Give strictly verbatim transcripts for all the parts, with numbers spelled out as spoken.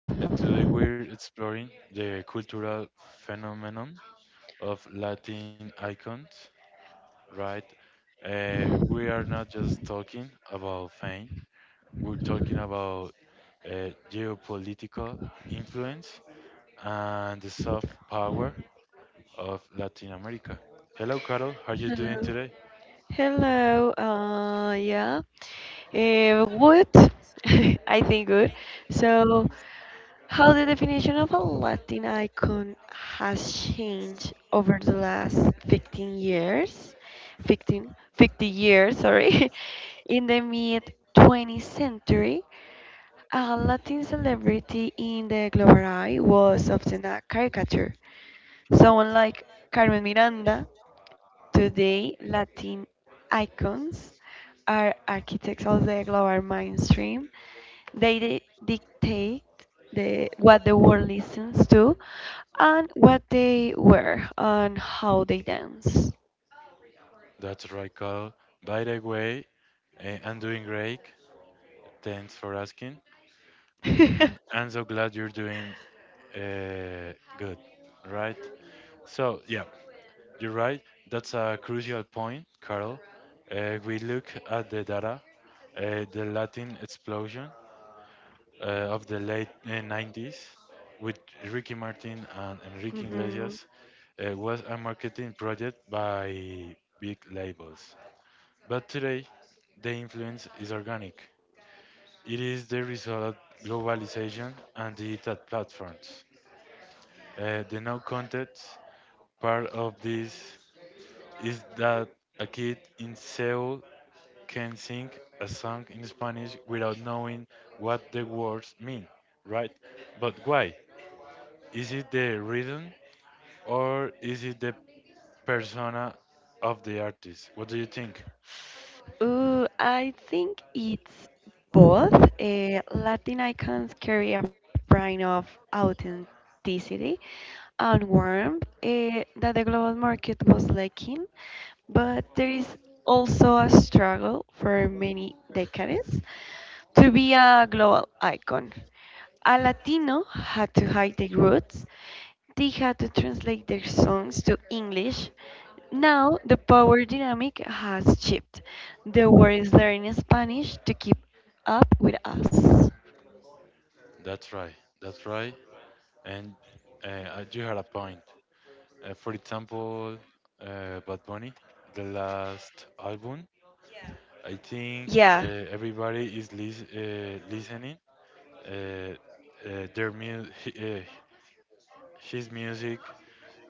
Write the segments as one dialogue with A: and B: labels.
A: Uh, today we're exploring the cultural phenomenon of Latin icons, right? Uh, we are not just talking about fame, we're talking about uh, geopolitical influence and the soft power of Latin America. Hello, Carol. How are you
B: Hello.
A: doing today?
B: Hello. Uh, yeah. Uh, good. I think good. So, how the definition of a Latin icon has changed over the last fifteen years? fifteen, fifty years, sorry. In the mid twentieth century, a Latin celebrity in the global eye was often a caricature. Someone like Carmen Miranda. Today, Latin icons are architects of the global mainstream. They di- dictate the, what the world listens to, and what they wear and how they dance.
A: That's right, Carol. By the way, eh, I'm doing great. Thanks for asking. Mm, I'm so glad you're doing uh, good, right? So, yeah, you're right. That's a crucial point, Carol. Uh, we look at the data, uh, the Latin explosion uh, of the late uh, nineties with Ricky Martin and Enrique
B: Mhm.
A: Iglesias uh, was a marketing project by big labels. But today, the influence is organic. It is the result of globalization and digital platforms. Uh, the no context part of this is that a kid in Seoul can sing a song in Spanish without knowing what the words mean, right? But why? Is it the rhythm or is it the persona of the artist? What do you think?
B: Ooh, I think it's both. Uh, Latin icons carry a brand of authenticity and warmth uh, that the global market was lacking, but there is also a struggle for many decades. To be a global icon, a Latino had to hide their roots, they had to translate their songs to English. Now the power dynamic has shifted. The world is learning Spanish to keep up with us.
A: That's right. That's right. And uh, you had a point. Uh, for example, uh, Bad Bunny, the last album. I think
B: Yeah,
A: uh, everybody is lis uh, listening uh, uh, their mu hi- uh, his music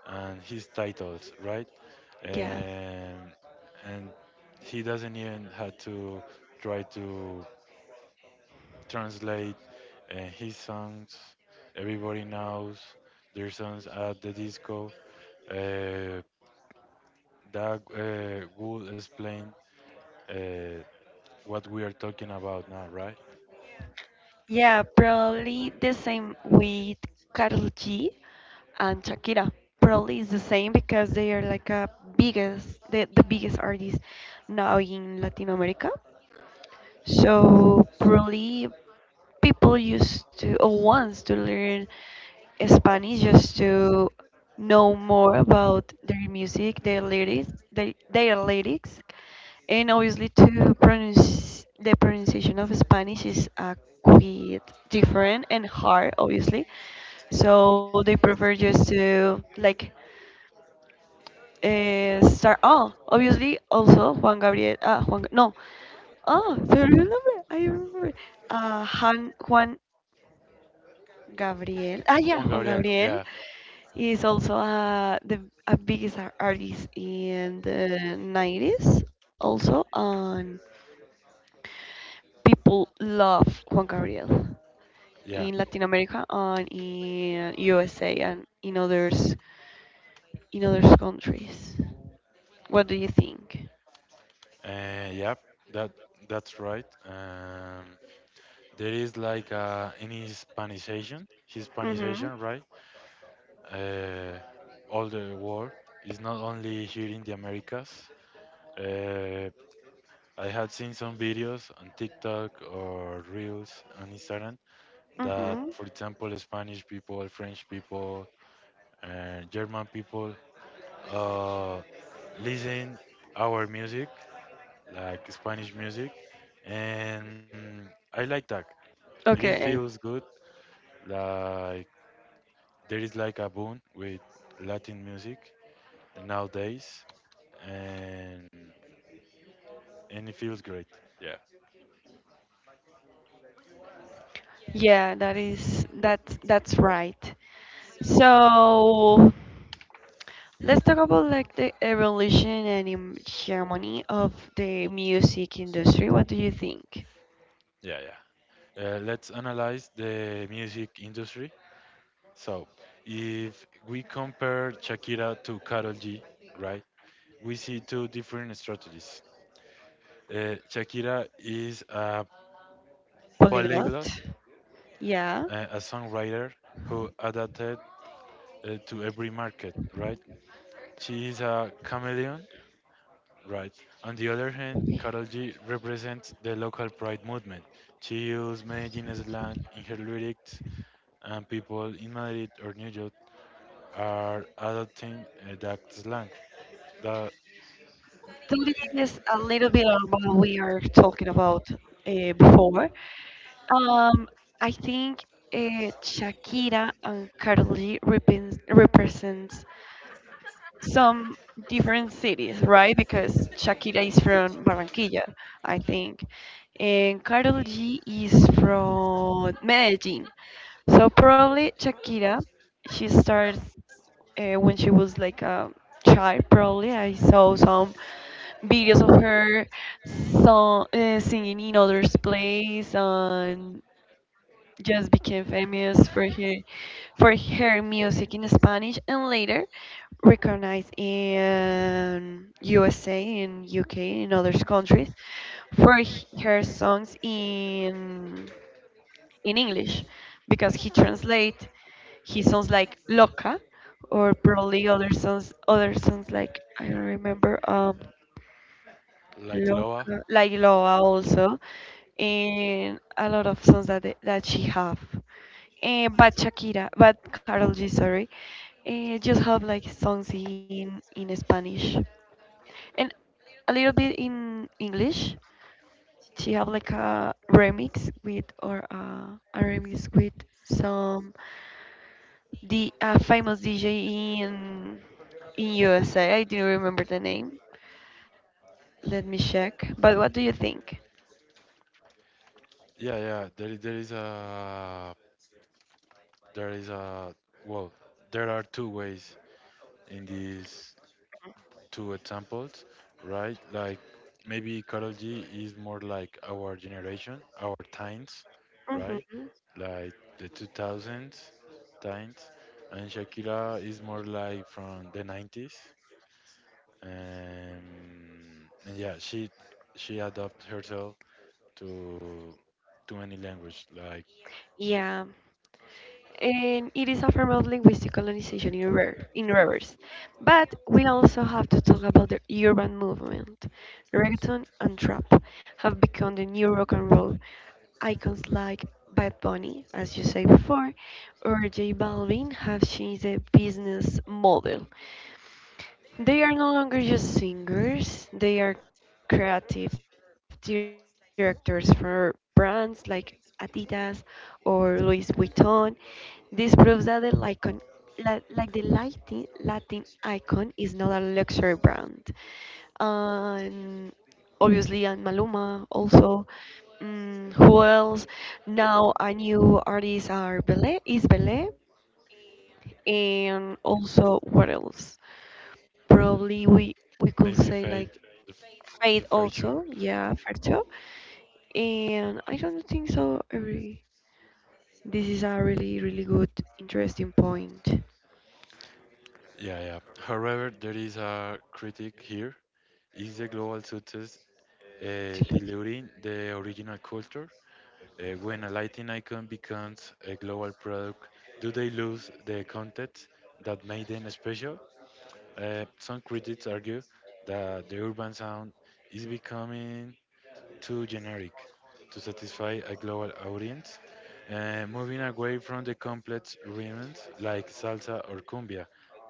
A: and his titles, right?
B: yeah,
A: Um, and he doesn't even have to try to translate uh, his songs. Everybody knows their songs at the disco. Uh, that uh, would explain uh, what we are talking about now, right?
B: yeah, probably the same with Carl G and Shakira. Probably is the same because they are like a biggest the, the biggest artists now in Latin America. So probably people used to or wants to learn Spanish just to know more about their music, their lyrics, their, their lyrics, and obviously to pronounce the pronunciation of Spanish is a quite different and hard, obviously. So they prefer just to like uh, start. Oh, obviously also Juan Gabriel. Ah, Juan. No. Oh, do you remember? I remember. Uh, Han, Juan Gabriel. Ah, yeah,
A: Juan
B: Juan
A: Gabriel.
B: Gabriel
A: Yeah,
B: is also uh, the a biggest ar- artist in the nineties, also, and people love Juan Gabriel in
A: yeah,
B: Latin America and in U S A and in others in other countries. What do you think?
A: uh, yeah. That that's right. Um, there is like uh, an Hispanization,
B: Mm-hmm.
A: Hispanization, right? Uh, all the world is not only here in the Americas. Uh, I had seen some videos on TikTok or Reels on Instagram that,
B: Mm-hmm.
A: for example, Spanish people, French people, uh, German people uh, listen our music, like Spanish music, and I like that. It is
B: Okay.
A: feels good. Like there is like a boom with Latin music nowadays, and and it feels great. Yeah,
B: Yeah, that is that that's right. So, let's talk about like the evolution and im- harmony of the music industry. What do you think?
A: yeah, yeah. Uh, let's analyze the music industry. So, if we compare Shakira to Karol G, right? We see two different strategies. Uh, Shakira is a
B: Polyglot?
A: polyglot,
B: Yeah.
A: uh, a songwriter who adapted uh, to every market, right? She is a chameleon, right? On the other hand, Karol G represents the local pride movement. She used Medellin slang in her lyrics, and people in Madrid or New York are adopting uh, that slang. That,
B: That is a little bit of what we are talking about uh, before. Um, I think uh, Shakira and Carly repen- represents some different cities, right? Because Shakira is from Barranquilla, I think, and Carol G is from Medellin. So probably Shakira, she starts uh, when she was like a child. Probably I saw some videos of her song, uh, singing in others' place and just became famous for her for her music in Spanish and later recognized in U S A, in U K, in other countries for h- her songs in in English because he translate he sounds like loca or probably other songs other songs like I don't remember, um,
A: like Loa.
B: loca like loa also, and a lot of songs that they, that she have. And but Shakira, but Carol G, sorry, eh, just have like songs in in Spanish and a little bit in English. She have like a remix with or uh, a remix with some the a famous D J in in U S A. I didn't remember the name. Let me check. But what do you think?
A: Yeah, yeah. There, there is a, there is a. Well, there are two ways in this two examples, right? Like maybe Karol G is more like our generation, our
B: Hmm.
A: times, right? Like the two thousands times, and Shakira is more like from the nineties. Um, and yeah, she she adapted herself to too many language, like
B: Yeah, and it is a form of linguistic colonization in, rever- in reverse. But we also have to talk about the urban movement. Reggaeton and trap have become the new rock and roll icons like Bad Bunny, as you said before, or J Balvin have changed the business model. They are no longer just singers, they are creative directors for brands like Adidas or Louis Vuitton. This proves that the Lycon, la, like the Latin, Latin icon is not a luxury brand. And obviously, and Maluma also. Mm, who else? Now a new artist are Belé, is Belé, and also what else? Probably we we
A: maybe
B: could
A: Fate,
B: say like
A: the, f- the
B: Fate
A: first show.
B: also, yeah, Ferto. And I don't think so every this is a really, really good interesting point.
A: Yeah, yeah. However, there is a critic here. Is the global success uh,
B: To look.
A: delivering the original culture. Uh, when a Latin icon becomes a global product, do they lose the content that made them special? Uh, some critics argue that the urban sound is becoming too generic to satisfy a global audience, uh, moving away from the complex rhythms like salsa or cumbia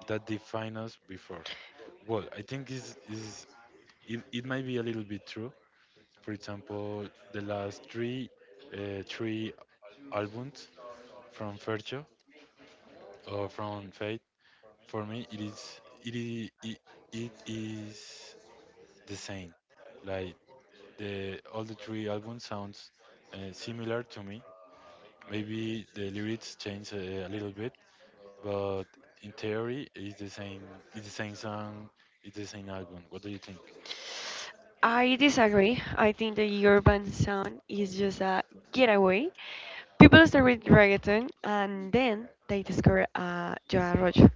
A: that defined us before. Well, I think is is it, it might be a little bit true, for example, the last three uh, three albums from Fercho or from Fate, for me it is it is it, it is the same. Like the all the three albums sounds uh, similar to me. Maybe the lyrics change a, a little bit, but in theory it's the same. It's the same song. It's the same album. What do you think?
B: I disagree. I think the urban sound is just a getaway. People start with reggaeton and then they discover uh, Joan Arroyo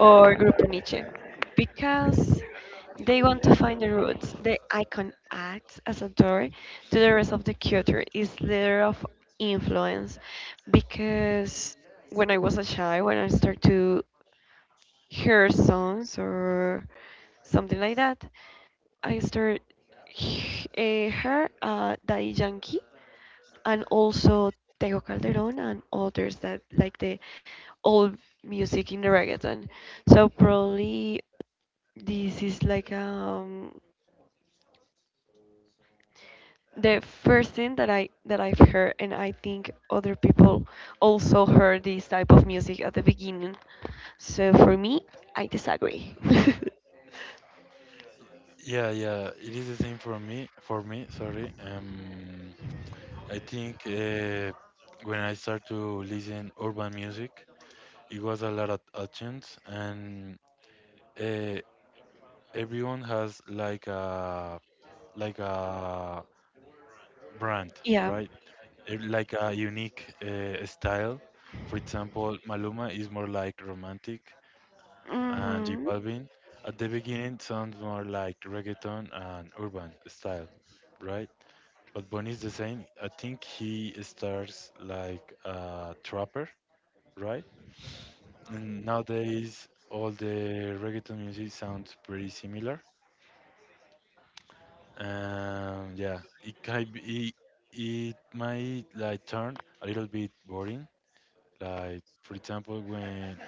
B: or Grupo Nietzsche because they want to find the roots. The icon acts as a door to the rest of the culture, is layer of influence because when I was a child, when I started to hear songs or something like that, I started uh, her uh, Daddy Yankee and also Tego Calderon and others that like the old music in the reggaeton. So probably this is like, um, the first thing that I that I've heard, and I think other people also heard this type of music at the beginning. So for me, I disagree.
A: Yeah, yeah, it is the same for me. For me, sorry. Um, I think uh, when I start to listen urban music, it was a lot of options, and uh, everyone has like a like a brand,
B: Yeah.
A: right? Eh, Like a unique uh, style. For example, Maluma is more like romantic, and J
B: Mhm.
A: Balvin at the beginning sounds more like reggaeton and urban style, right? But Bonnie is the same. I think he starts like a trapper right? And nowadays, all the reggaeton music sounds pretty similar. Um, yeah, it can be, it it might like turn a little bit boring. Like for example, when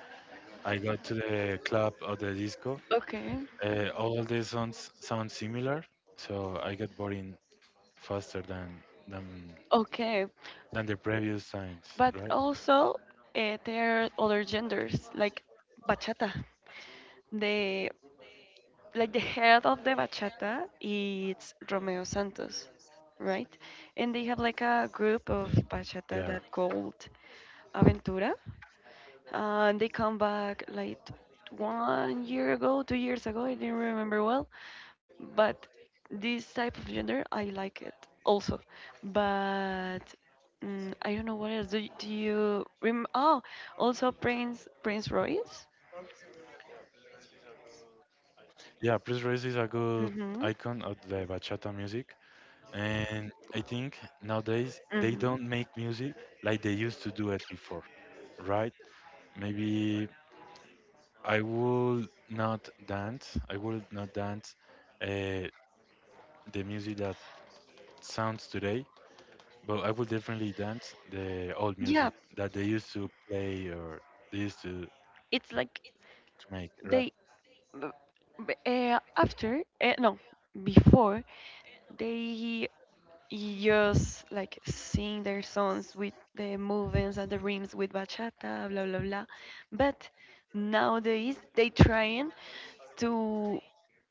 A: I got to the club or the disco,
B: Okay,
A: uh, all the songs sound similar, so I got boring faster than than
B: okay,
A: than the previous times,
B: but
A: right?
B: also uh, there are other genders like bachata. The Like the head of the bachata, it's Romeo Santos, right? And they have like a
A: Yeah,
B: group of bachata that called Aventura. Uh, and they come back like one year ago, two years ago, I didn't remember well. But this type of gender, I like it also. But, mm, I don't know what else. Do, y- do you rem? Oh, also Prince Prince Royce.
A: yeah. Prince Royce is a good icon of the bachata
B: Mhm.
A: music. And I think nowadays they don't make music
B: Mhm.
A: like they used to do it before, right? Maybe I will not dance. I will not dance uh, the music that sounds today, but I will definitely dance the old music
B: Yeah,
A: that they used to play or they used to, to
B: it's like
A: make,
B: they
A: right?
B: b- b- eh, after eh, no before they just like sing their songs with the movements and the rims with bachata, blah blah blah, but nowadays they trying to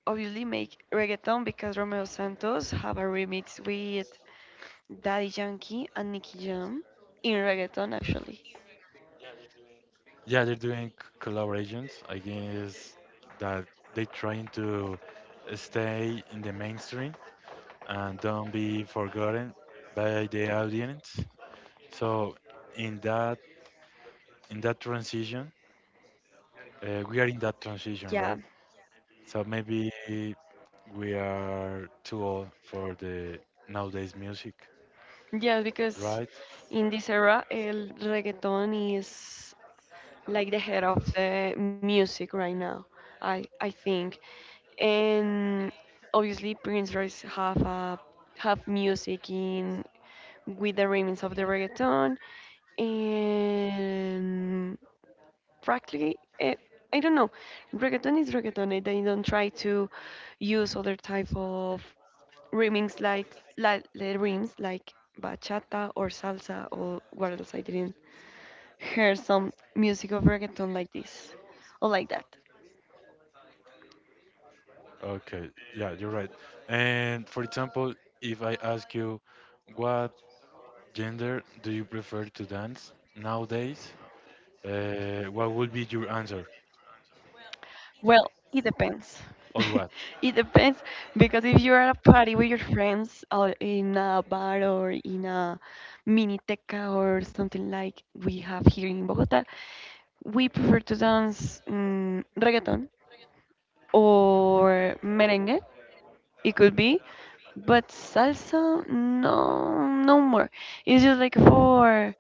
B: obviously make reggaeton because Romeo Santos have a remix with Daddy Yankee and Nicky Jam in reggaeton actually.
A: Yeah, they're doing c- collaborations. I guess that they trying to stay in the mainstream and don't be forgotten by the audience. So in that in that transition, uh, we are in that transition,
B: Yeah.
A: right? So maybe we are too old for the nowadays music,
B: Yeah, because
A: right?
B: in this era el reggaeton is like the head of the music right now. I I think, and obviously Prince Royce have a have music in with the remix of the reggaeton and practically, eh, I don't know. Reggaeton is reggaeton. Eh, they don't try to use other type of remix like like the rims like bachata or salsa or what else I didn't hear some music of reggaeton like this or like that.
A: Okay, yeah, you're right. And for example, if I ask you, what gender do you prefer to dance nowadays? Uh, what would be your answer?
B: Well, it depends. It
A: Or
B: depends
A: what?
B: because if you're at a party with your friends or in a bar or in a mini teca or something like we have here in Bogota, we prefer to dance, mm, reggaeton or merengue, it could be, but salsa, no, no more. It's just like for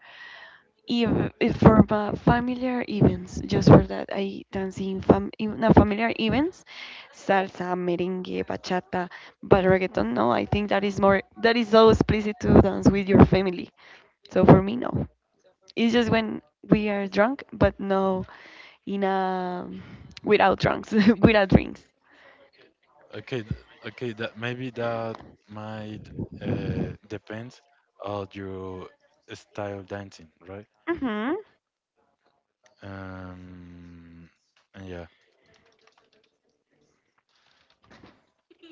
B: if, if for fa- familiar events, just for that, I dance in, fam in no, familiar events, salsa, merengue, bachata, but reggaeton, no, I think that is more, that is so explicit to dance with your family. So for me, no. It's just when we are drunk, but no, in a, without drunks, without drinks.
A: Okay, th- okay, that maybe that might uh, depends on your style dancing, right?
B: Mm-hmm.
A: Um, and yeah,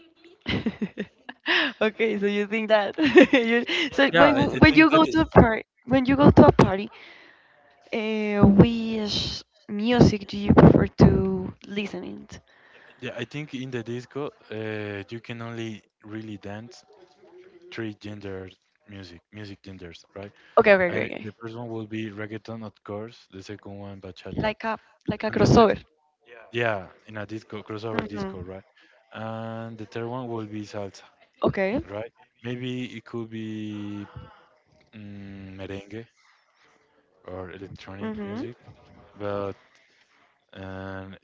B: Okay, so you think that you so
A: yeah,
B: when
A: I,
B: w-
A: I
B: when
A: think
B: you
A: that
B: go
A: it-
B: to a party when you go to a party. Uh, which music do you prefer to listen t-?
A: yeah, I think in the disco, uh, you can only really dance three gender music, music genders, right?
B: Okay, okay,
A: I mean,
B: okay,
A: the
B: okay.
A: first one will be reggaeton, of course. The second one, bachata,
B: Like a like
A: and
B: a
A: the third,
B: crossover.
A: yeah, in a disco crossover disco,
B: Mm-hmm.
A: right? And the third one will be salsa.
B: Okay.
A: Right? Maybe it could be mm, merengue or electronic
B: Mm-hmm.
A: music, but um,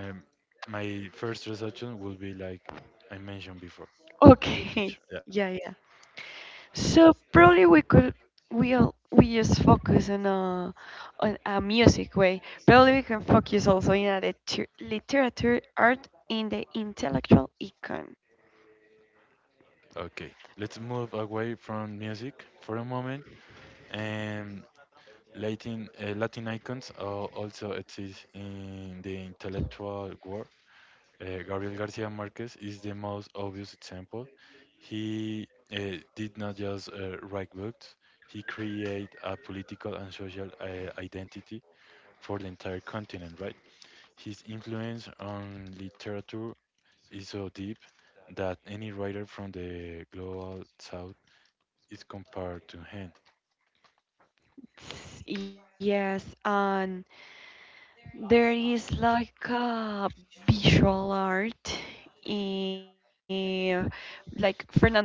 A: um, my first suggestion will be like I mentioned before. I just
B: Okay.
A: mentioned, yeah.
B: Yeah, yeah. So probably we could we'll we just focus on a on a music way. Probably we can focus also in a liter literature art in the intellectual econ.
A: Okay, let's move away from music for a moment. And Latin uh, Latin icons uh, also exist in the intellectual world. Uh, Gabriel Garcia Marquez is the most obvious example. He uh, did not just uh, write books, he created a political and social uh, identity for the entire continent, right? His influence on literature is so deep that any writer from the global south is compared to him.
B: S- Yes, and there is like a visual art, eh, like Fernando Botero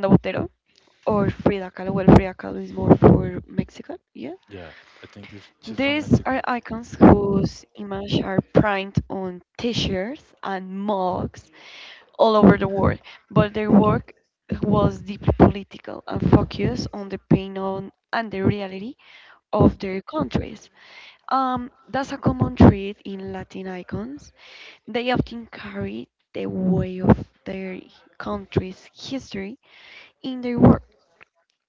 B: or Frida Kahlo. Well, Frida Kahlo is more for Mexican, yeah.
A: Yeah, I think if she's from
B: These
A: Mexico.
B: are icons whose image are printed on t-shirts and mugs all over the world, but their work was deeply political and focused on the pain on and the reality of their countries. Um, that's a common trait in Latin icons, they often carry the weight of their country's history in their work.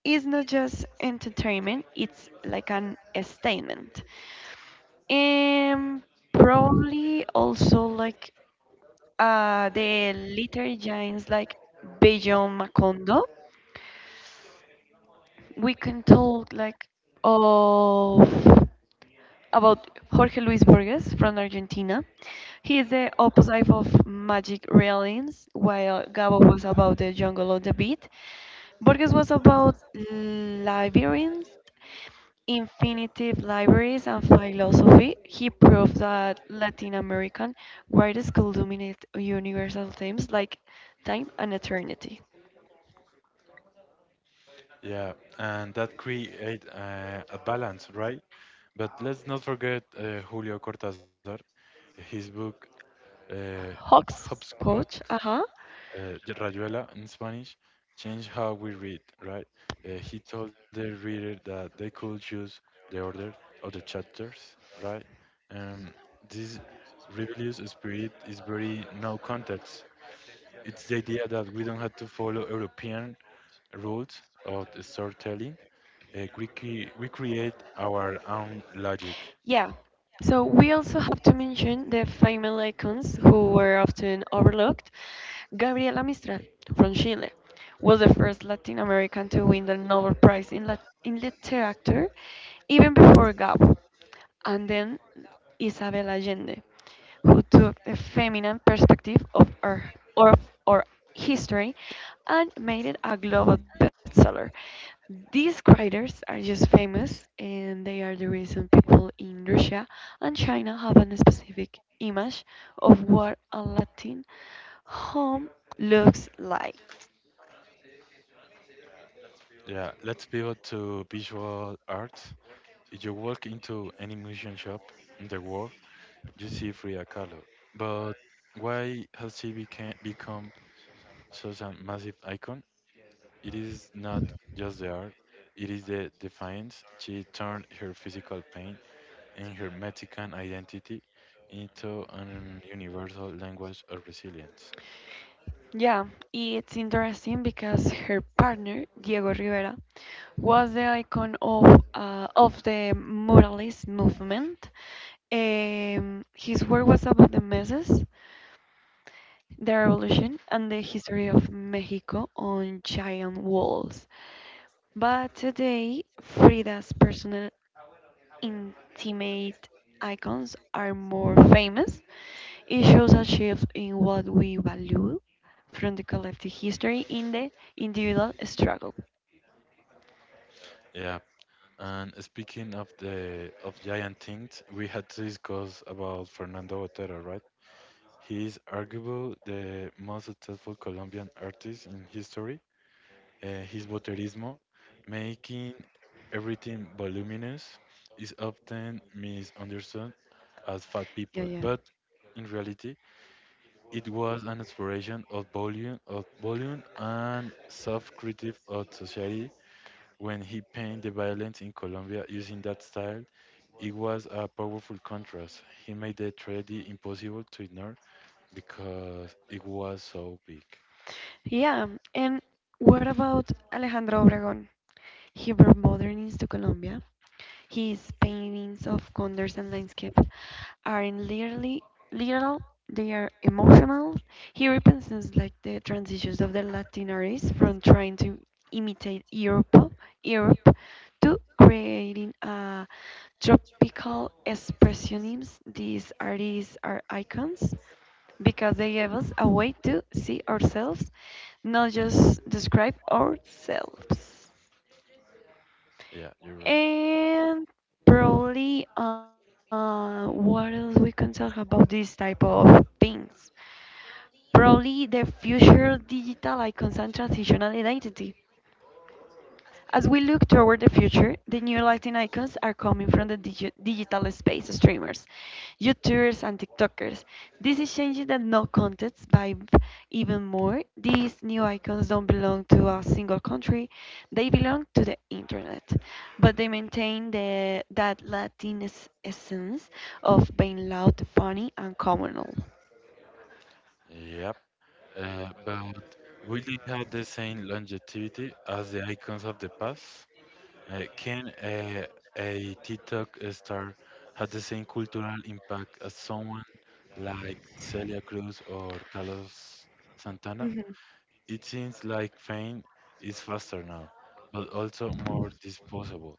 B: It's not just entertainment, it's like an statement. And probably also like uh, the literary giants like Bejo Macondo. We can talk like of about Jorge Luis Borges from Argentina. He is the opposite of Magic Realms, while Gabo was about the jungle of the beat. Borges was about labyrinths, infinitive libraries, and philosophy. He proved that Latin American writers school dominate universal themes like time and eternity.
A: Yeah, and that create uh, a balance, right? But let's not forget uh, Julio Cortázar, his book uh,
B: Hawks,
A: Hopscotch,
B: coach, uh huh.
A: uh, de Rayuela in Spanish, changed how we read, right? Uh, he told the reader that they could choose the order of the chapters, right? Um, this rebellious spirit is very no context. It's the idea that we don't have to follow European rules of the storytelling. Uh, we, cre- we create our own logic.
B: Yeah. So we also have to mention the female icons who were often overlooked. Gabriela Mistral from Chile was the first Latin American to win the Nobel Prize in, Lat- in Literature, even before Gabo. And then Isabel Allende, who took the feminine perspective of our, of our history and made it a global bestseller. These writers are just famous and they are the reason people in Russia and China have a specific image of what a Latin home looks like.
A: Yeah, let's pivot to visual arts. If you walk into any museum shop in the world, you see Frida Kahlo. But why has she became, become such a massive icon? It is not just the art, it is the defiance. She turned her physical pain and her Mexican identity into an universal language of resilience.
B: Yeah, it's interesting because her partner, Diego Rivera, was the icon of, uh, of the muralist movement. Um, his work was about the masses, the revolution and the history of Mexico on giant walls. But today, Frida's personal intimate icons are more famous. It shows a shift in what we value from the collective history in the individual struggle.
A: Yeah, and speaking of the of giant things, we had to discuss about Fernando Botero, right? He is arguably the most successful Colombian artist in history. Uh, his boterismo, making everything voluminous, is often misunderstood as fat people,
B: Yeah, yeah.
A: but in reality, it was an exploration of volume, of volume and self-critique of society when he painted the violence in Colombia using that style. It was a powerful contrast. He made the tragedy impossible to ignore because it was so big.
B: Yeah, and what about Alejandro Obregón? He brought modernism to Colombia. His paintings of condors and landscape are in literally literal, they are emotional. He represents like the transitions of the Latin artists from trying to imitate europe Europe to creating a tropical expressionism. These artists are icons because they gave us a way to see ourselves, not just describe ourselves.
A: Yeah, you're right.
B: And probably, uh, what else we can talk about this type of things? Probably the future digital icons and transitional identity. As we look toward the future, the new Latin icons are coming from the digi- digital space streamers, YouTubers, and TikTokers. This is changing the no context vibe even more. These new icons don't belong to a single country, they belong to the internet. But they maintain the, that Latin es- essence of being loud, funny, and communal.
A: Yep. Uh, but will they have the same longevity as the icons of the past? Uh, can a, a TikTok star have the same cultural impact as someone like Celia Cruz or Carlos Santana?
B: Mhm.
A: It seems like fame is faster now, but also more disposable.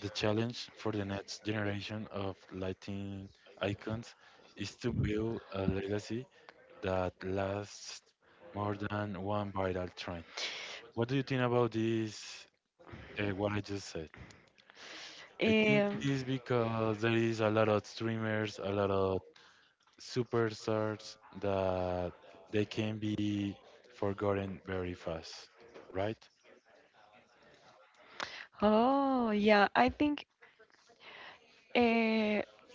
A: The challenge for the next generation of lighting icons is to build a legacy that lasts more than one viral trend. What do you think about this? Uh, what I just said? I think it is
B: Um,
A: because there is a lot of streamers, a lot of superstars that they can be forgotten very fast, right?
B: oh, yeah, I think. Uh,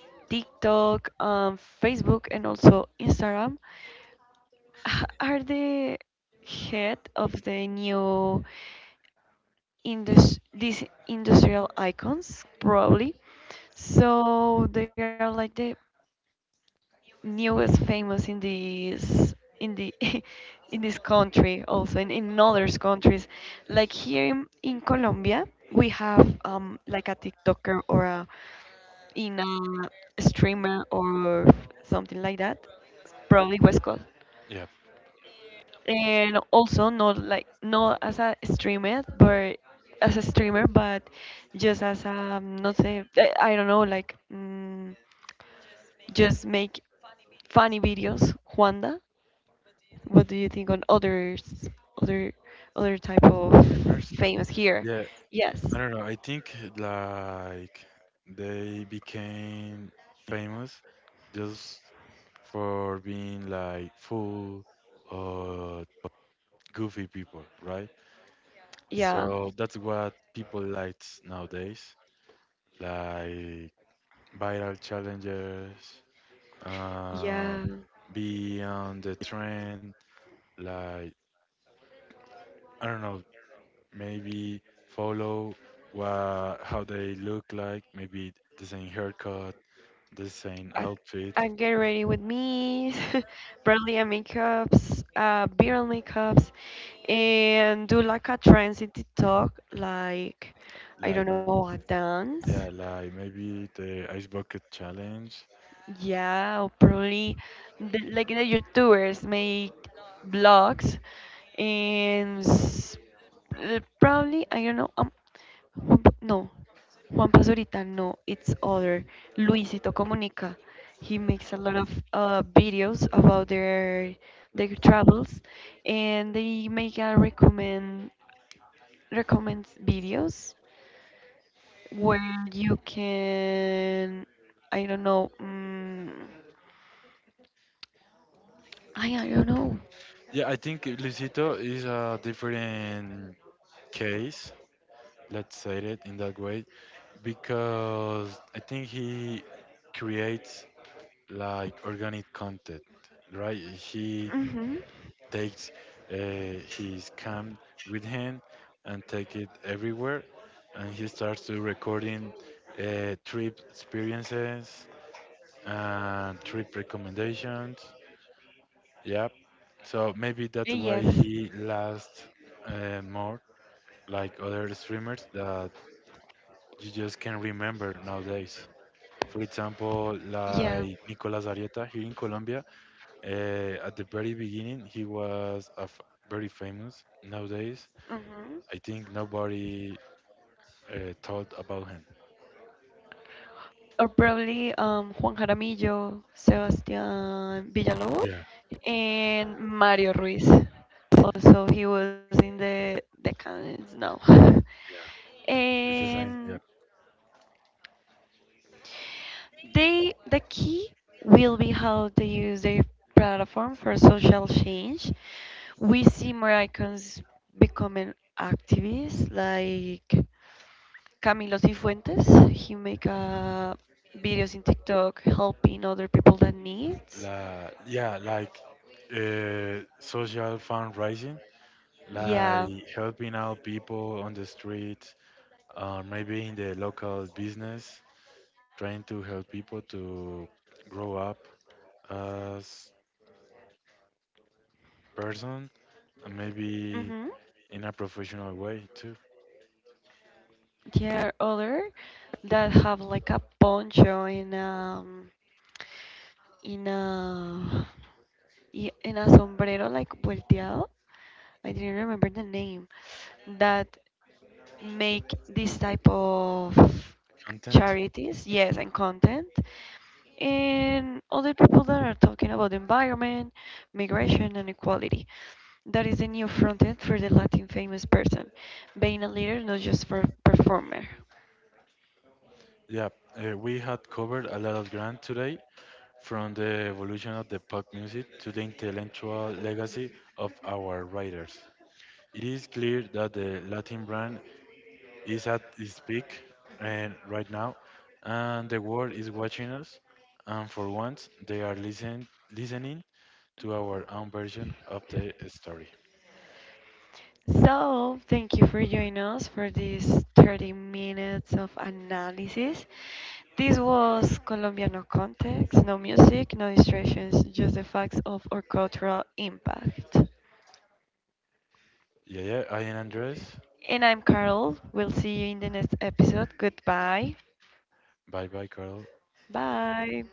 B: TikTok, um, Facebook, and also Instagram h- are the head of the new indus- these industrial icons, probably. So they are like the newest famous in this in the in this country, also in in other countries. Like here in, in Colombia, we have, um, like a TikToker or a in a streamer or something like that. Probably was called.
A: Yeah,
B: And also not like not as a streamer, but as a streamer, but just as a not say I, I don't know like, mm, just make funny videos. Juanda, what do you think on others other other type of
A: streamers.
B: famous here?
A: Yeah,
B: Yes.
A: I don't know. I think like they became famous just for being like full or goofy people, right?
B: Yeah.
A: So that's what people like nowadays, like viral challenges, uh,
B: Yeah.
A: be on the trend, like I don't know, maybe follow what how they look like, maybe the same haircut, design
B: I, I
A: outfit,
B: get ready with me, barely and makeups, uh, viral makeups, and do like a trance in TikTok, like I don't
A: like
B: know, a dance.
A: yeah, like maybe the ice bucket challenge.
B: Yeah, or probably the, like the YouTubers make blogs and s- uh, probably I don't know. Um, Juan Pa- no, Juan Pazurita. No, it's other Luisito Comunica. He makes a lot of uh, videos about their their travels, and they make a recommend recommends videos where you can I don't know. Mm. I don't know.
A: Yeah, I think Luisito is a different case. Let's say it in that way because I think he creates like organic content, right?
B: Hmm.
A: He takes uh, his cam with him and take it everywhere, and he starts to recording uh, trip experiences uh, trip recommendations. Yep. So maybe that's why
B: Yes.
A: he lasts uh, more like other streamers that you just can't remember nowadays. For example,
B: Yeah.
A: like Nicolas Arieta here in Colombia, uh, at the very beginning, he was a f- very famous. Nowadays,
B: Hmm.
A: I think nobody uh, thought about him.
B: Or probably, um, Juan Jaramillo, Sebastián Villalobos,
A: Yeah,
B: and Mario Ruiz. Also, he was in the the cannons now.
A: yeah. It's the same. Yeah.
B: And they the key will be how they use their platform for social change. We see more icons becoming activists like Camilo Cifuentes. He make uh, videos in TikTok helping other people that needs.
A: La, yeah, like uh, social fundraising,
B: Yeah.
A: like helping out people on the street, or maybe in the local business, trying to help people to grow up as person and
B: Mm-hmm.
A: maybe in a professional way too.
B: Yeah, other that have like a poncho in, um, in a, y- in a sombrero like volteado. I didn't remember the name that make this type of
A: Content.
B: charities, yes, and content. And other people that are talking about the environment, migration, and equality. That is the new front end for the Latin famous person, being a leader, not just for performer.
A: Yeah, uh, we had covered a lot of ground today, from the evolution of the pop music to the intellectual legacy of our writers. It is clear that the Latin brand is at its peak and right now, and the world is watching us, and for once, they are listen, listening to our own version of the story.
B: So, thank you for joining us for these thirty minutes of analysis. This was Colombia, no context, no music, no distractions, just the facts of our cultural impact.
A: Yeah, yeah, I am Andres.
B: And I'm Carol. We'll see you in the next episode. Goodbye.
A: Bye bye, Carl.
B: Bye.